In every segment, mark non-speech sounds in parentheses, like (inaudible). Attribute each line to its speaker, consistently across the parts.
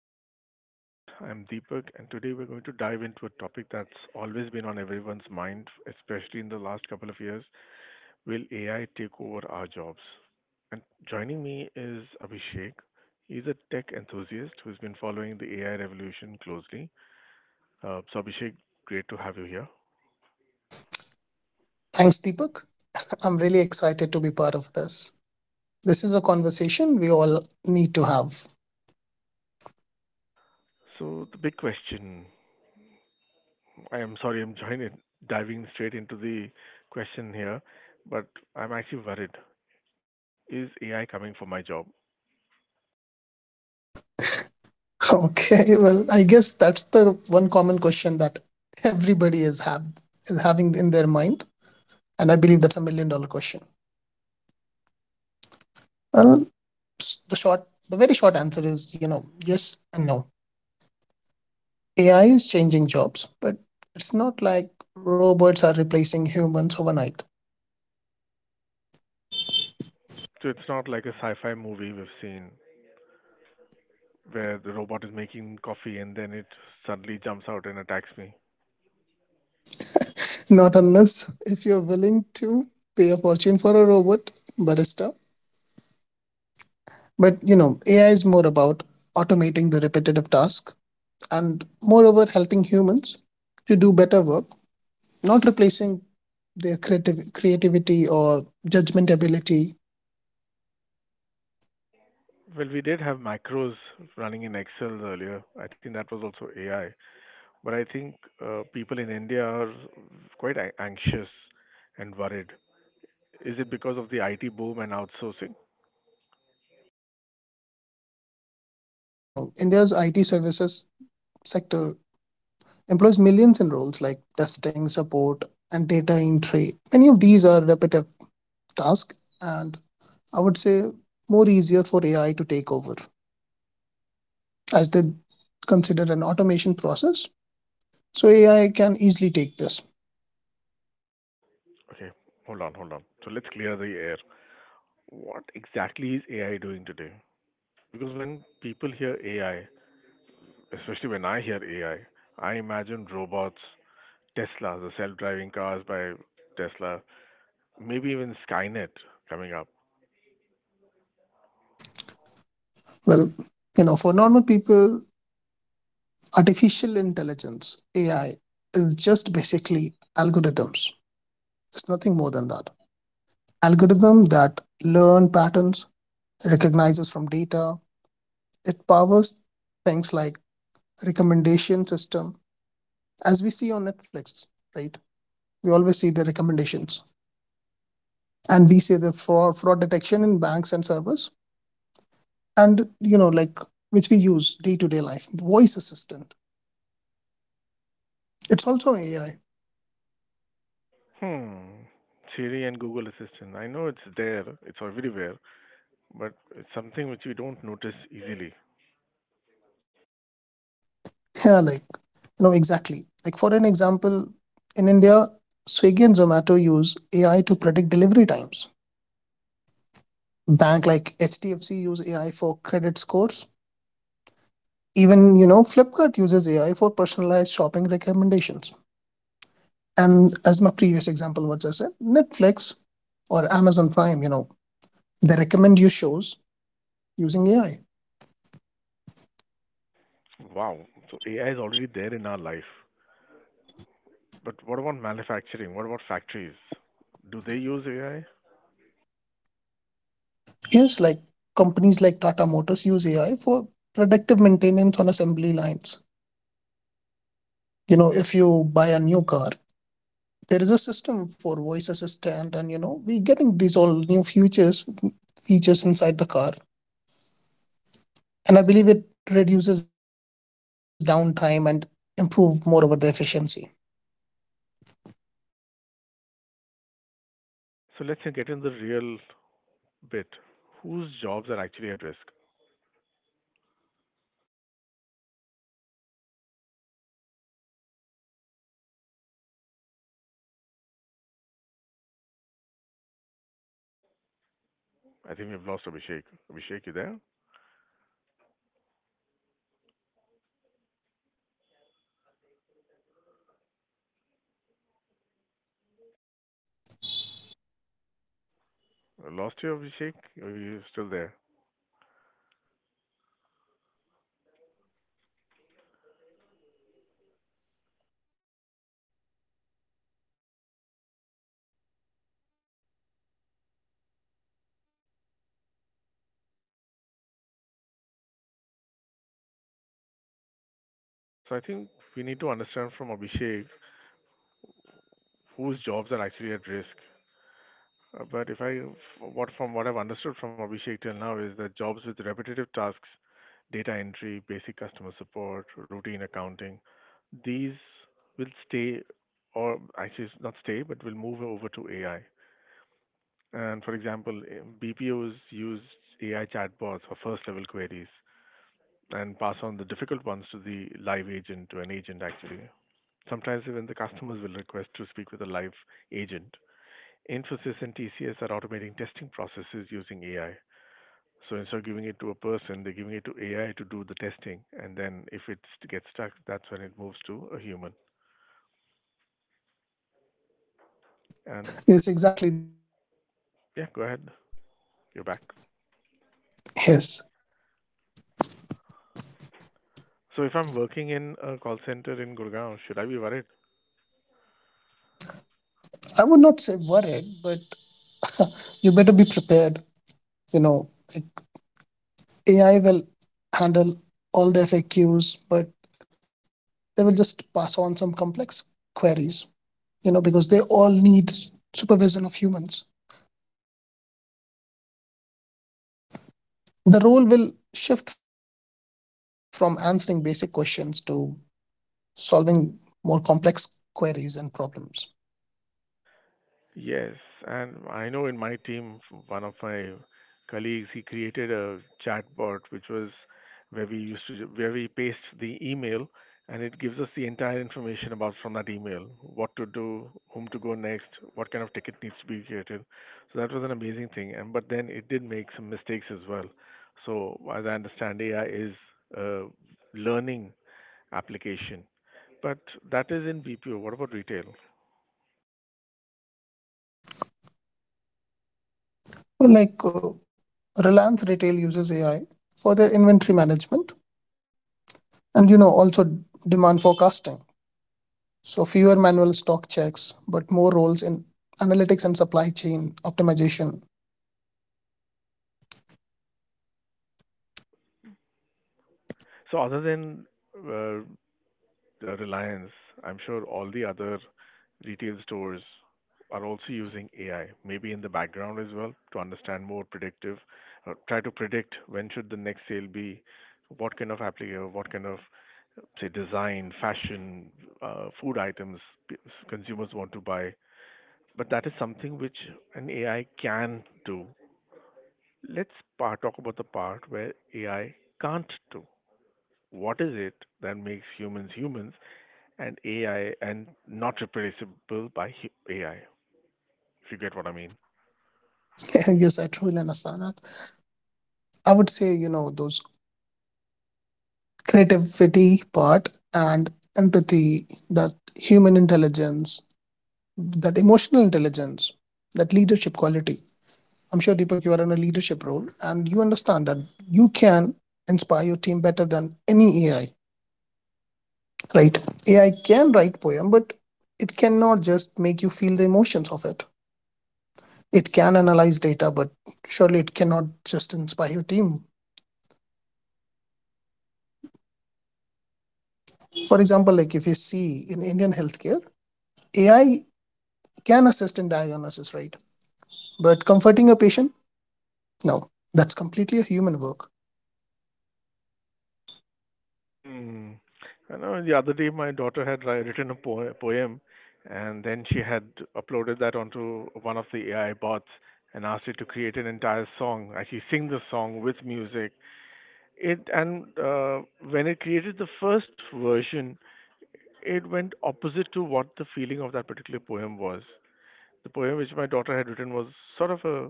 Speaker 1: my podcast. I'm Deepak, and today we're going to dive into a topic that's always been on everyone's mind, especially in the last couple of years. Will AI take over our jobs? And joining me is Abhishek. He's a tech enthusiast who's been following the AI revolution closely. So, Abhishek, great to have you here.
Speaker 2: Thanks, Deepak. I'm really excited to be part of this. This is a conversation we all need to have.
Speaker 1: So, the big question, I am sorry, I'm joining, diving straight into the question here, but I'm actually worried. Is AI coming for my job?
Speaker 2: (laughs) Okay, well, I guess that's the one common question that everybody is having in their mind. And I believe that's a million dollar question. Well, s- the short, the very short answer is, yes and no. AI is changing jobs, but it's not like robots are replacing humans overnight.
Speaker 1: So it's not like a sci-fi movie we've seen where the robot is making coffee and then it suddenly jumps out and attacks me.
Speaker 2: Not unless if you're willing to pay a fortune for a robot barista. But you know, AI is more about automating the repetitive task and moreover helping humans to do better work, not replacing their creative creativity or judgment ability.
Speaker 1: Well, we did have macros running in Excel earlier. I think that was also AI. But I think people in India are quite anxious and worried. Is it because of the IT boom and outsourcing?
Speaker 2: You know, India's IT services sector employs millions in roles like testing, support, and data entry. Many of these are repetitive tasks, and I would say more easier for AI to take over as they consider an automation process. So AI can easily take this.
Speaker 1: Okay, hold on, hold on. So let's clear the air. What exactly is AI doing today? Because when people hear AI, especially when I hear AI, I imagine robots. Tesla, the self-driving cars by Tesla, maybe even Skynet coming up.
Speaker 2: Well, you know, for normal people, artificial intelligence, AI, is just basically algorithms. It's nothing more than that. Algorithm that learn patterns, recognizes from data. It powers things like recommendation system, as we see on Netflix, right? We always see the recommendations, and we see the fraud detection in banks and servers, and you know, like which we use day to day life. Voice assistant. It's also AI.
Speaker 1: Hmm. Siri and Google Assistant. I know it's there, it's everywhere, but it's something which we don't notice easily.
Speaker 2: Yeah, like, no, exactly. Like for an example, in India, Swiggy and Zomato use AI to predict delivery times. Bank like HDFC use AI for credit scores. Even, you know, Flipkart uses AI for personalized shopping recommendations. And as my previous example was I said, Netflix or Amazon Prime, you know, they recommend you shows using AI.
Speaker 1: Wow. So AI is already there in our life. But what about manufacturing? What about factories? Do they use AI?
Speaker 2: Yes, like companies like Tata Motors use AI for predictive maintenance on assembly lines. You know, if you buy a new car, there is a system for voice assistant, and you know we're getting these all new features inside the car, and I believe it reduces downtime and improve moreover the efficiency.
Speaker 1: So let's get in the real bit. Whose jobs are actually at risk?
Speaker 2: Well, jobs with most repetitive tasks, you know, like data entry, basic customer
Speaker 1: I think we've
Speaker 2: support,
Speaker 1: lost Abhishek. Abhishek, you there?
Speaker 2: routine accounting. For example, many Indian BPOs now use AI chatbots for their first level queries. Companies like Infosys,
Speaker 1: Lost
Speaker 2: TCS.
Speaker 1: you, Abhishek? Or are you still there?
Speaker 2: Yes, I'm still here. Was I not audible? Hello, Deepak.
Speaker 1: So I think we need to understand from Abhishek whose jobs are actually at risk. But if I, what from what I've understood from Abhishek till now is that jobs with repetitive tasks, data entry, basic customer support, routine accounting, these will stay, or actually it's not stay, but will move over to AI. And for example, BPOs use AI chatbots for first level queries. And pass on the difficult ones to the live agent to an agent actually. Sometimes even the customers will request to speak with a live agent. Infosys and TCS are automating testing processes using AI. So instead of giving it to a person, they're giving it to AI to do the testing, and then if it gets stuck, that's when it moves to a human. And
Speaker 2: Yes, exactly, Deepak.
Speaker 1: yeah, go ahead, you're back.
Speaker 2: Yes,
Speaker 1: So if I'm working in a call center in Gurgaon, should I be worried?
Speaker 2: I would not say worried, but you better be prepared. You know, like AI will handle all the FAQs, but they will just pass on some complex queries, you know, because they all need supervision of humans. The role will shift from answering basic questions to solving more complex queries and problems.
Speaker 1: Yes, and I know in my team, one of my colleagues, he created a chatbot which was where we paste the email and it gives us the entire information about from that email, what to do, whom to go next, what kind of ticket needs to be created. So that was an amazing thing. And but then it did make some mistakes as well. So as I understand, AI is a learning application, but that is in BPO. What about retail?
Speaker 2: Well, like Reliance Retail uses AI for their inventory management, and you know also demand forecasting. So fewer manual stock checks, but more roles in analytics and supply chain optimization.
Speaker 1: So other than uh, the Reliance, I'm sure all the other retail stores are also using AI, maybe in the background as well, to understand more predictive, or try to predict when should the next sale be, what kind of application, what kind of, say, design, fashion, food items p- consumers want to buy. But that is something which an AI can do. Let's talk about the part where AI can't do. What is it that makes humans humans and AI, and not replaceable by AI, if you get what I mean.
Speaker 2: (laughs) Yes, I truly understand that. I would say, you know, those creativity part, and empathy, that human intelligence, that emotional intelligence, that leadership quality. I'm sure, Deepak, you are in a leadership role and you understand that you can inspire your team better than any AI. Right. AI can write poem, but it cannot just make you feel the emotions of it. It can analyze data, but surely it cannot just inspire your team. For example, like if you see in Indian healthcare, AI can assist in diagnosis, right? But comforting a patient, no, that's completely a human work.
Speaker 1: Hmm. I know the other day my daughter had written a poem and then she had uploaded that onto one of the AI bots and asked it to create an entire song, actually sing the song with music. It and when it created the first version, it went opposite to what the feeling of that particular poem was. The poem which my daughter had written was sort of a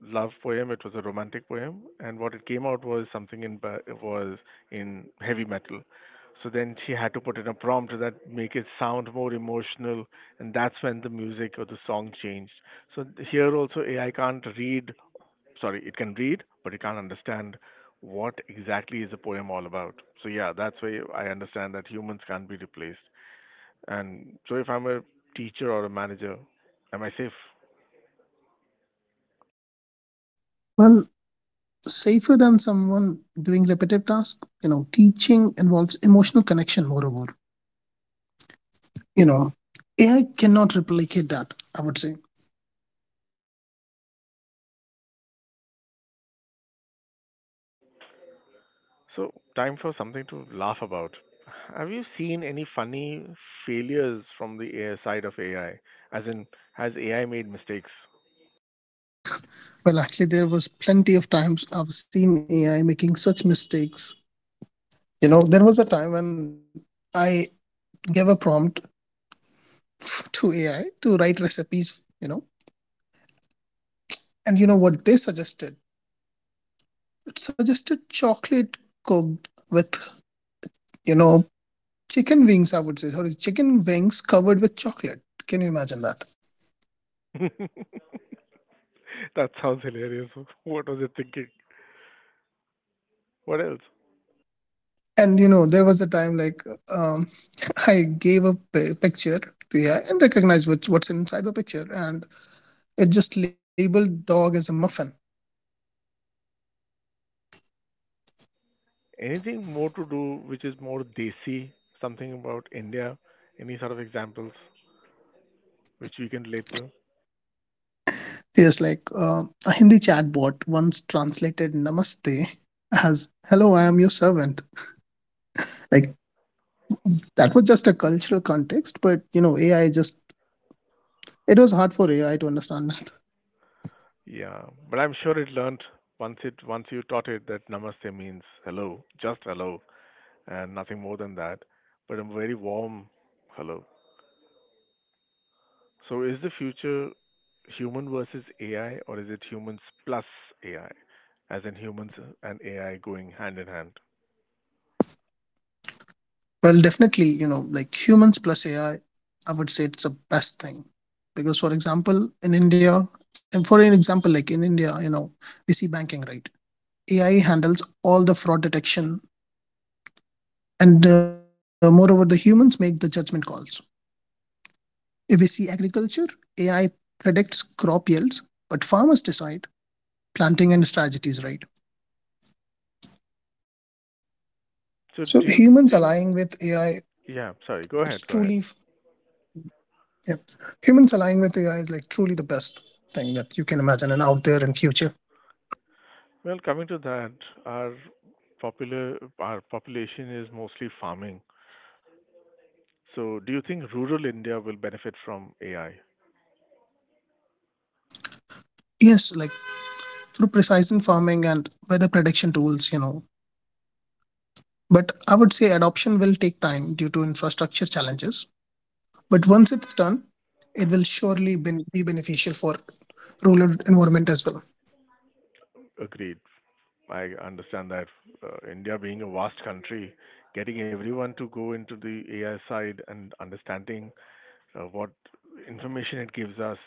Speaker 1: love poem. It was a romantic poem, and what it came out was something was in heavy metal. So then she had to put in a prompt that make it sound more emotional, and that's when the music or the song changed. So here also AI can't read. Sorry, it can read, but it can't understand what exactly is the poem all about. So yeah, that's why I understand that humans can't be replaced. And so if I'm a teacher or a manager, am I safe?
Speaker 2: Well, safer than someone doing repetitive tasks. You know, teaching involves emotional connection moreover. You know, AI cannot replicate that, I would say.
Speaker 1: So, time for something to laugh about. Have you seen any funny failures from the AI side of AI? As in, has AI made mistakes?
Speaker 2: Well, actually, there was plenty of times I've seen AI making such mistakes. You know, there was a time when I gave a prompt to AI to write recipes, you know, and you know what they suggested? It suggested chocolate cooked with, you know, chicken wings, I would say. Sorry, chicken wings covered with chocolate. Can you imagine that?
Speaker 1: (laughs) That sounds hilarious. What was it thinking? What else?
Speaker 2: And, you know, there was a time like um, (laughs) I gave a picture to AI and recognized what, what's inside the picture, and it just labeled dog as a muffin.
Speaker 1: Anything more to do which is more desi? Something about India? Any sort of examples which we can relate to?
Speaker 2: Yes, like a Hindi chatbot once translated Namaste as "Hello, I am your servant." Like that was just a cultural context, but you know, AI just it was hard for AI to understand that.
Speaker 1: Yeah, but I'm sure it learnt once you taught it that namaste means hello, just hello. And nothing more than that, but a very warm hello. So, is the future human versus AI, or is it humans plus AI, as in humans and AI going hand in hand?
Speaker 2: Well, definitely, you know, like humans plus AI, I would say it's the best thing because, for example, in India, and for an example, like in India, you know, we see banking, right? AI handles all the fraud detection, and moreover, the humans make the judgment calls. If we see agriculture, AI predicts crop yields, but farmers decide planting and strategies, right?
Speaker 1: So,
Speaker 2: So
Speaker 1: do you
Speaker 2: humans
Speaker 1: think?
Speaker 2: aligning with AI,
Speaker 1: Yeah, sorry. Go ahead.
Speaker 2: it's
Speaker 1: Go ahead.
Speaker 2: truly yeah. Humans aligning with AI is like truly the best thing that you can imagine and out there in future.
Speaker 1: Well, coming to that, our our population is mostly farming. So, do you think rural India will benefit from AI?
Speaker 2: Yes, like through precision farming and weather prediction tools, you know. But I would say adoption will take time due to infrastructure challenges. But once it's done, it will surely be beneficial for rural environment as well.
Speaker 1: Agreed. I understand that India being a vast country, getting everyone to go into the AI side and understanding what information it gives us,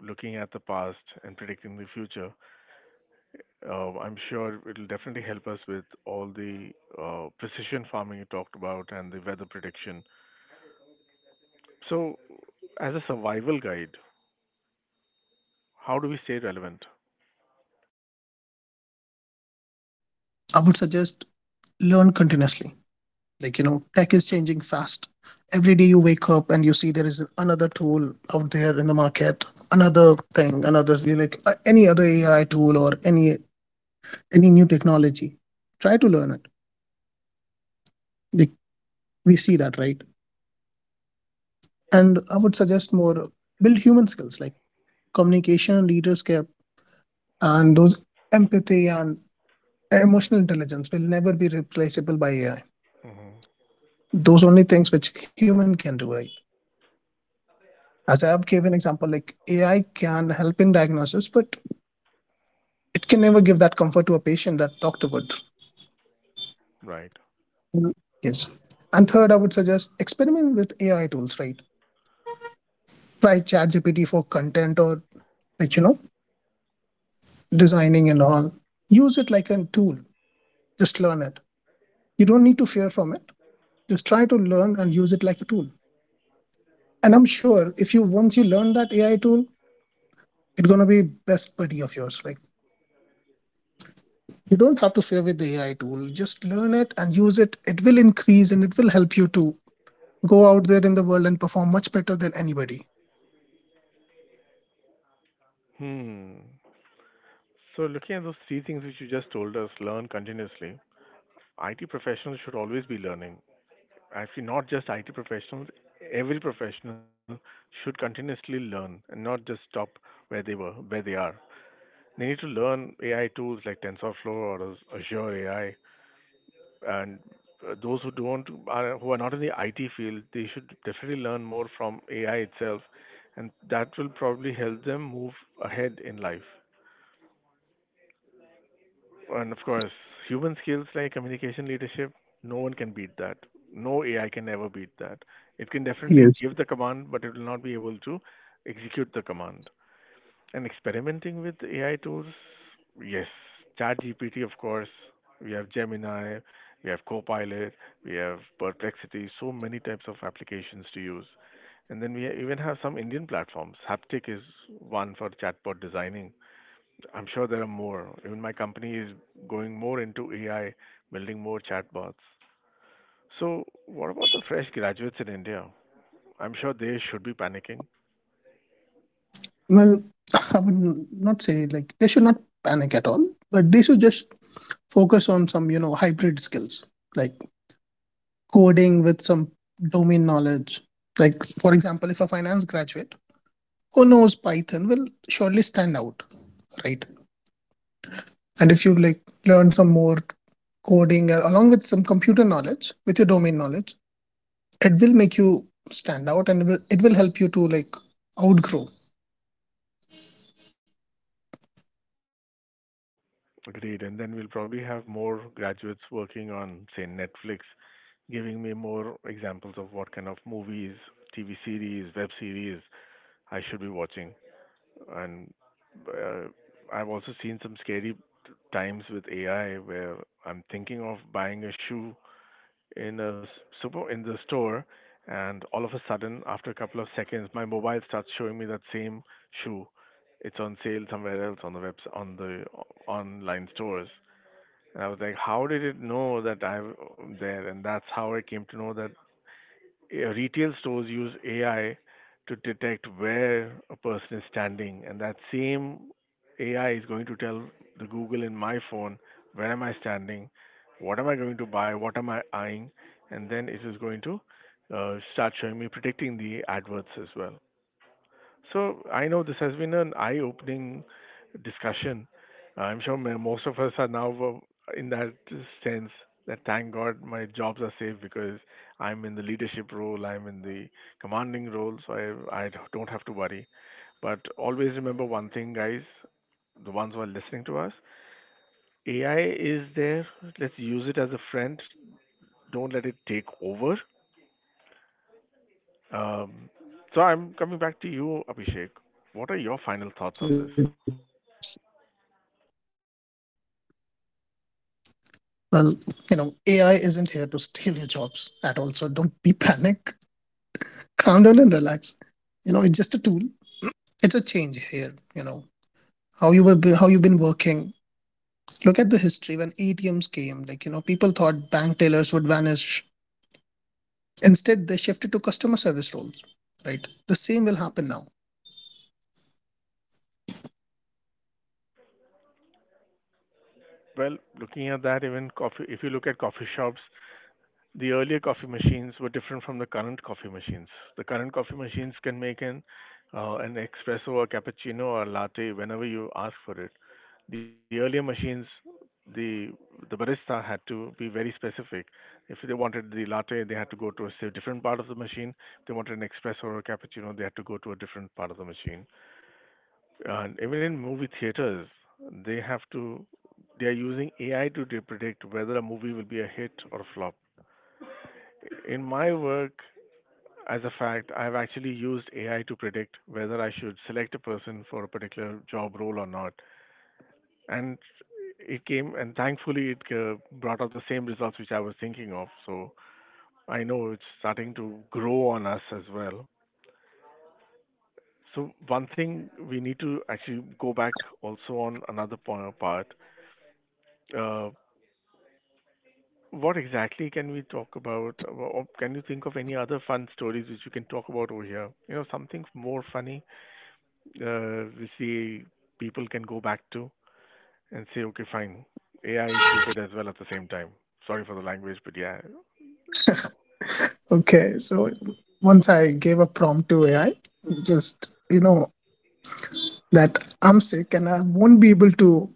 Speaker 1: looking at the past and predicting the future, I'm sure it'll definitely help us with all the precision farming you talked about and the weather prediction. So, as a survival guide, how do we stay relevant?
Speaker 2: I would suggest learn continuously. Like, you know, tech is changing fast. Every day you wake up and you see there is another tool out there in the market, another thing, another like any other AI tool or any new technology. Try to learn it. Like we see that, right? And I would suggest more build human skills like communication, leadership, and those empathy and emotional intelligence will never be replaceable by AI.
Speaker 1: Hmm.
Speaker 2: Those only things which human can do, right? As I have given an example, like AI can help in diagnosis, but it can never give that comfort to a patient that doctor would.
Speaker 1: Right.
Speaker 2: Mhm. Yes. And third, I would suggest experimenting with AI tools, right? Try ChatGPT for content or like, you know, designing and all. Use it like a tool. Just learn it. You don't need to fear from it. Just try to learn and use it like a tool. And I'm sure if you once you learn that AI tool, it's gonna be best buddy of yours. Like you don't have to fear with the AI tool. Just learn it and use it. It will increase and it will help you to go out there in the world and perform much better than anybody.
Speaker 1: Hmm. So, looking at those three things which you just told us, learn continuously. IT professionals should always be learning. Actually, not just IT professionals, every professional should continuously learn and not just stop where they were, where they are. They need to learn AI tools like TensorFlow or Azure AI, and those who don't are who are not in the IT field, they should definitely learn more from AI itself, and that will probably help them move ahead in life. And of course, human skills like communication, leadership, no one can beat that. No AI can ever beat that. It can definitely give
Speaker 2: Yes.
Speaker 1: the command, but it will not be able to execute the command. And experimenting with AI tools, yes. ChatGPT, of course. We have Gemini, we have Copilot, we have Perplexity, so many types of applications to use. And then we even have some Indian platforms. Haptic is one for chatbot designing. I'm sure there are more. Even my company is going more into AI, building more chatbots. So, what about the fresh graduates in India? I'm sure they should be panicking.
Speaker 2: Well, (laughs) I would not say like they should not panic at all, but they should just focus on some, you know, hybrid skills like coding with some domain knowledge. Like, for example, if a finance graduate who knows Python will surely stand out, right? And if you like learn some more coding along with some computer knowledge, with your domain knowledge, it will make you stand out, and it will help you to like outgrow.
Speaker 1: Agreed. And then we'll probably have more graduates working on, say, Netflix, giving me more examples of what kind of movies, TV series, web series I should be watching. And uh, I've also seen some scary times with AI where I'm thinking of buying a shoe in a super in the store, and all of a sudden, after a couple of seconds, my mobile starts showing me that same shoe. It's on sale somewhere else on the webs on the o- online stores. And I was like, how did it know that I'm there? And that's how I came to know that retail stores use AI to detect where a person is standing, and that same AI is going to tell the Google in my phone where am I standing, what am I going to buy, what am I eyeing, and then it is going to start showing me predicting the adverts as well. So I know this has been an eye-opening discussion. I'm sure most of us are now in that sense that thank God my jobs are safe because I'm in the leadership role, I'm in the commanding role, so I don't have to worry. But always remember one thing, guys, the ones who are listening to us, AI is there. Let's use it as a friend. Don't let it take over. Um, so I'm coming back to you, Abhishek. What are your final
Speaker 2: Yes.
Speaker 1: thoughts on this?
Speaker 2: Well, you know, AI isn't here to steal your jobs at all, so don't be (laughs) panic. Calm down and relax. You know, it's just a tool. It's a change here. You know, how you were, how you've been working. Look at the history. When ATMs came, like, you know, people thought bank tellers would vanish. Instead, they shifted to customer service roles. Right, the same will happen now.
Speaker 1: Well, looking at that, even coffee, if you look at coffee shops, the earlier coffee machines were different from the current coffee machines. The current coffee machines can make an espresso, a cappuccino, or latte whenever you ask for it. The earlier machines, the the barista had to be very specific. If they wanted the latte, they had to go to a, say, different part of the machine. If they wanted an espresso or a cappuccino, they had to go to a different part of the machine. And even in movie theaters, they have to they are using AI to predict whether a movie will be a hit or a flop. In my work, as a fact, I've actually used AI to predict whether I should select a person for a particular job role or not. And it came, and thankfully, it brought out the same results which I was thinking of. So I know it's starting to grow on us as well. So one thing we need to actually go back also on another part. Uh, What exactly can we talk about, or can you think of any other fun stories which we can talk about over here? Something more funny, we see people can go back to and say, okay, fine, AI is stupid as well at the same time. Sorry for the language, but yeah.
Speaker 2: Okay, so once I gave a prompt to AI, just you know that I'm sick and I won't be able to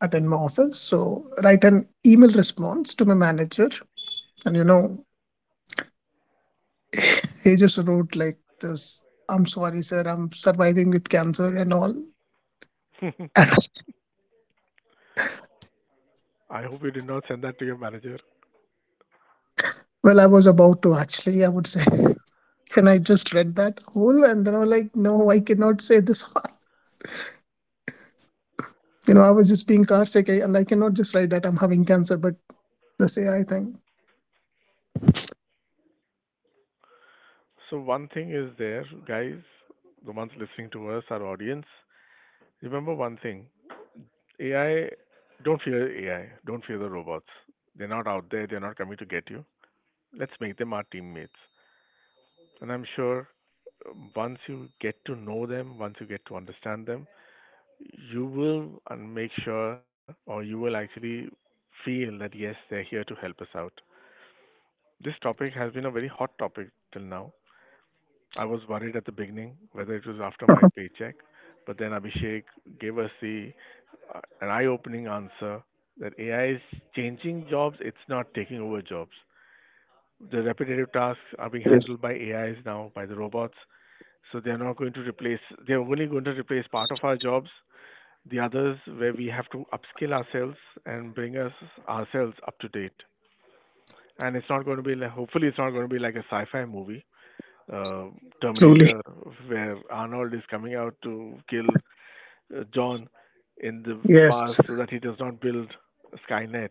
Speaker 2: attend my office, so write an email response to my manager. And you know he just wrote like this: "I'm sorry, sir, I'm surviving with cancer and all."
Speaker 1: (laughs)
Speaker 2: And
Speaker 1: I hope you did not send that to your manager.
Speaker 2: (laughs) well, I was about to actually, I would say, (laughs) can I just read that whole? And then I was like, no, I cannot say this. (laughs) You know, I was just being car sick, and I cannot just write that I'm having cancer, but this AI thing.
Speaker 1: So one thing is there, guys, the ones listening to us, our audience, remember one thing. AI, don't fear AI. Don't fear the robots. They're not out there. They're not coming to get you. Let's make them our teammates. And I'm sure once you get to know them, once you get to understand them, you will make sure or you will actually feel that yes, they're here to help us out. This topic has been a very hot topic till now. I was worried at the beginning whether it was after my paycheck, but then Abhishek gave us the an eye-opening answer that AI is changing jobs, it's not taking over jobs. The repetitive tasks are being
Speaker 2: Yes,
Speaker 1: handled by AIs now, by the robots. So they're not going to replace, they're only going to replace part of our jobs. The others, where we have to upskill ourselves and bring us ourselves up to date. And it's not going to be like, hopefully, it's not going to be like a sci fi movie, uh,
Speaker 2: truly.
Speaker 1: Terminator, where Arnold is coming out to kill John in the
Speaker 2: Yes.
Speaker 1: past so that he does not build Skynet.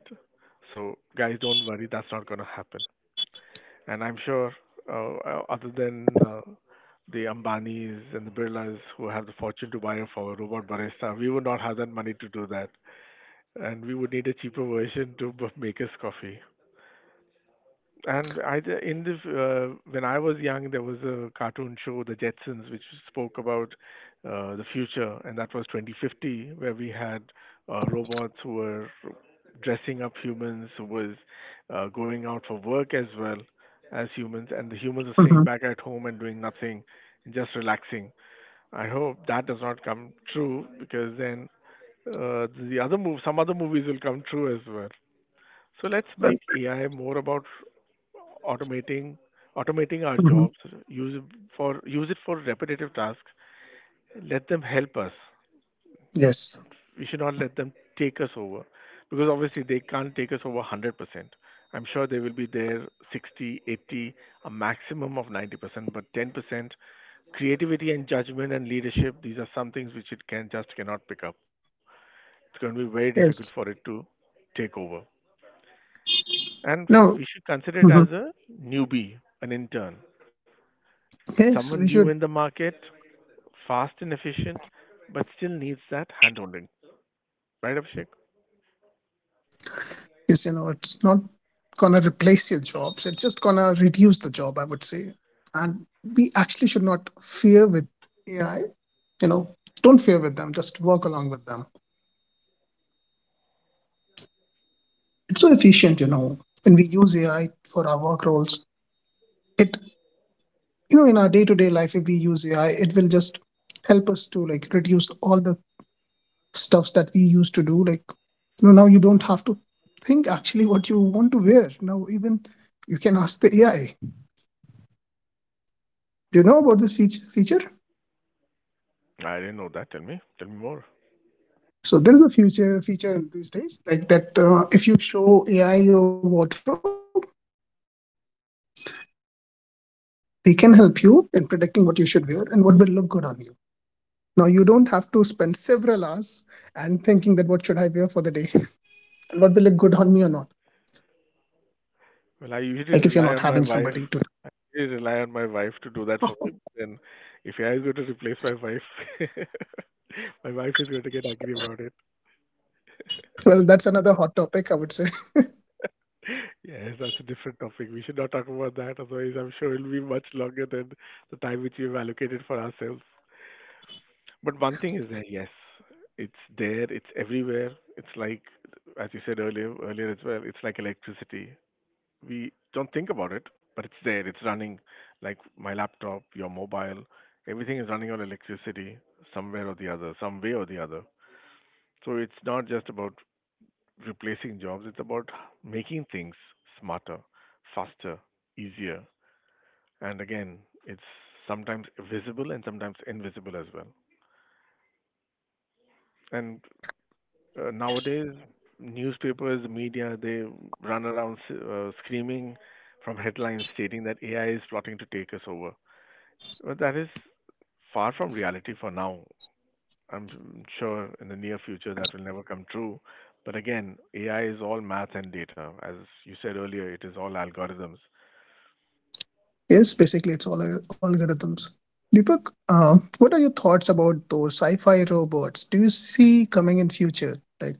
Speaker 1: So, guys, don't worry, that's not going to happen. And I'm sure, other than the Ambanis and the Birlas who have the fortune to buy a for robot barista, we would not have that money to do that. And we would need a cheaper version to make us coffee. And I in the when I was young, there was a cartoon show, The Jetsons, which spoke about the future, and that was 2050, where we had robots who were dressing up humans, who was going out for work as well as humans, and the humans are staying
Speaker 2: Mhm.
Speaker 1: back at home and doing nothing, and just relaxing. I hope that does not come true because then some other movies will come true as well. So let's make
Speaker 2: Well,
Speaker 1: AI more about automating automating our jobs,
Speaker 2: mhm.
Speaker 1: use use it for repetitive tasks, let them help us.
Speaker 2: Yes.
Speaker 1: We should not let them take us over because obviously they can't take us over 100%. I'm sure they will be there 60, 80, a maximum of 90%, but 10% creativity and judgment and leadership, these are some things which it can just cannot pick up. It's going to be very difficult for it
Speaker 2: Yes.
Speaker 1: to take over. And we
Speaker 2: No.
Speaker 1: should consider it as
Speaker 2: Mhm.
Speaker 1: a newbie, an intern, someone
Speaker 2: Yes,
Speaker 1: new
Speaker 2: we
Speaker 1: in the
Speaker 2: should.
Speaker 1: market. Fast and efficient, but still needs that handholding. Right, Abhishek?
Speaker 2: Yes, you know, it's not gonna replace your jobs. It's just gonna reduce the job, I would say. And we actually should not fear with AI. You know, don't fear with them. Just work along with them. It's so efficient. You know, when we use AI for our work roles, it you know in our day to day life, if we use AI, it will just help us to like reduce all the stuffs that we used to do, like you know, now you don't have to think actually what you want to wear. Now even you can ask the AI. Do you know about this feature?
Speaker 1: I didn't know that. Tell me. Tell me more.
Speaker 2: So there is a future feature these days like that, if you show AI your wardrobe, they can help you in predicting what you should wear and what will look good on you. Now you don't have to spend several hours and thinking that what should I wear for the day. (laughs) And what will look good on me or not, like if you're not having
Speaker 1: Well, I
Speaker 2: somebody to.
Speaker 1: usually rely on my wife. I usually rely on my wife to do that for me. Then, if I go to replace my wife, (laughs) my wife is going to get angry about it.
Speaker 2: Well, that's another hot topic, I would say.
Speaker 1: Yes, that's a different topic. We should not talk about that. Otherwise, I'm sure it'll be much longer than the time which we've allocated for ourselves. But one thing is there, yes, it's there, it's everywhere. It's like, as you said earlier, earlier as well, it's like electricity. We don't think about it, but it's there, it's running. Like my laptop, your mobile, everything is running on electricity somewhere or the other, some way or the other. So it's not just about replacing jobs, it's about making things smarter, faster, easier. And again, it's sometimes visible and sometimes invisible as well. And nowadays, newspapers, media, they run around screaming from headlines stating that AI is plotting to take us over. But that is far from reality for now. I'm sure in the near future that will never come true. But again, AI is all math and data. As you said earlier, it is all algorithms.
Speaker 2: Yes, basically, it's all algorithms. Deepak, what are your thoughts about those sci-fi robots? Do you see coming in future? Like,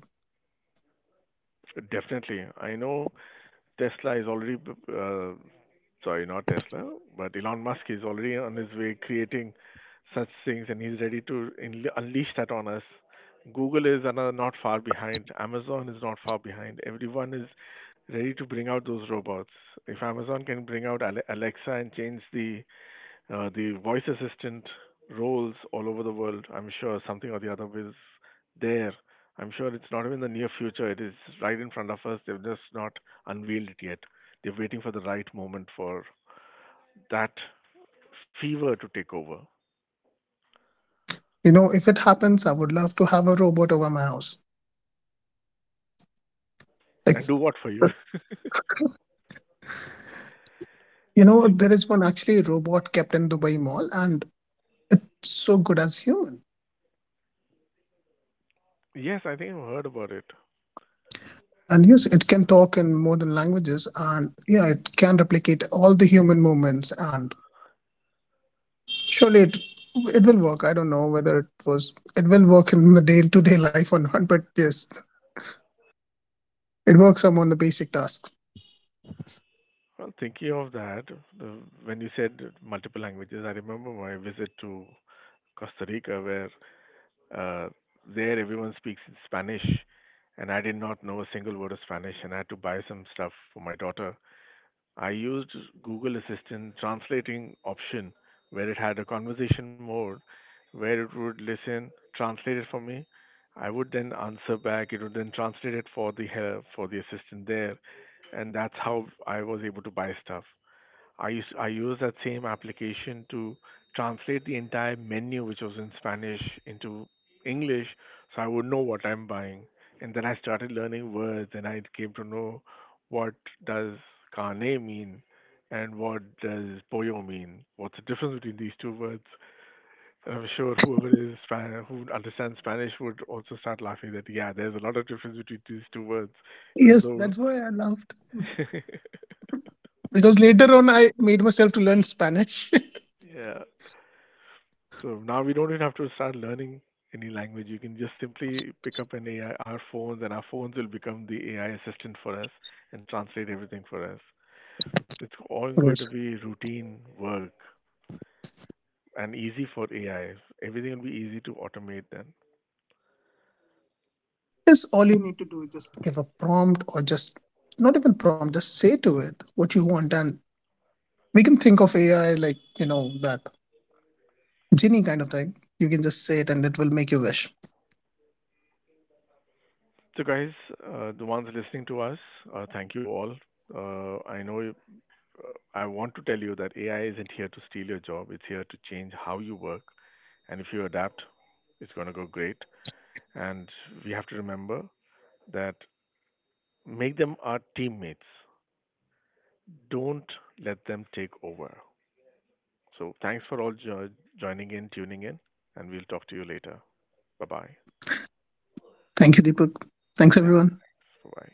Speaker 1: Definitely. I know Tesla is already, uh, sorry, not Tesla, but Elon Musk is already on his way creating such things and he's ready to unleash that on us. Google is another not far behind. Amazon is not far behind. Everyone is ready to bring out those robots. If Amazon can bring out Alexa and change the voice assistant roles all over the world, I'm sure something or the other is there. I'm sure it's not even the near future. It is right in front of us. They've just not unveiled it yet. They're waiting for the right moment for that fever to take over
Speaker 2: you know, if it happens, I would love to have a robot over my house. Like,
Speaker 1: and do what for you. (laughs)
Speaker 2: you
Speaker 1: So,
Speaker 2: know, there is one actually robot kept in Dubai Mall, and it's so good as human.
Speaker 1: yes, I think I've heard about it.
Speaker 2: And yes, it can talk in more than languages, and yeah, it can replicate all the human movements. And surely, it will work. I don't know whether it was it will work in the day-to-day life or not, but yes, it works on the basic task.
Speaker 1: Well, thinking of that, the, when you said multiple languages, I remember my visit to Costa Rica where Uh, there, everyone speaks in Spanish, and I did not know a single word of Spanish, and I had to buy some stuff for my daughter. I used Google Assistant translating option where it had a conversation mode where it would listen, translate it for me. I would then answer back. It would then translate it for the assistant there, and that's how I was able to buy stuff. I used that same application to translate the entire menu, which was in Spanish, into English, so I would know what I'm buying. And then I started learning words, and I came to know what does carne mean, and what does pollo mean. What's the difference between these two words? I'm sure whoever is who understands Spanish would also start laughing that yeah, there's a lot of difference between these two words, even
Speaker 2: Yes,
Speaker 1: though
Speaker 2: that's why I laughed.
Speaker 1: (laughs)
Speaker 2: Because later on, I made myself to learn Spanish. (laughs)
Speaker 1: yeah. So now we don't even have to start learning any language. You can just simply pick up an AI, our phones, and our phones will become the AI assistant for us and translate everything for us. It's all going
Speaker 2: Yes.
Speaker 1: to be routine work and easy for AI. Everything will be easy to automate then.
Speaker 2: Yes, all you need to do is just give a prompt or just not even prompt, just say to it what you want. And we can think of AI like, you know, that genie kind of thing. You can just say it and it will make you wish.
Speaker 1: So, guys, the ones listening to us, thank you all. I know I want to tell you that AI isn't here to steal your job, it's here to change how you work. And if you adapt, it's going to go great. And we have to remember that make them our teammates. Don't let them take over. So thanks for all joining in, tuning in, and we'll talk to you later. Bye bye.
Speaker 2: Thank you, Deepak. Thanks,
Speaker 1: Yeah.
Speaker 2: everyone.
Speaker 1: Bye bye.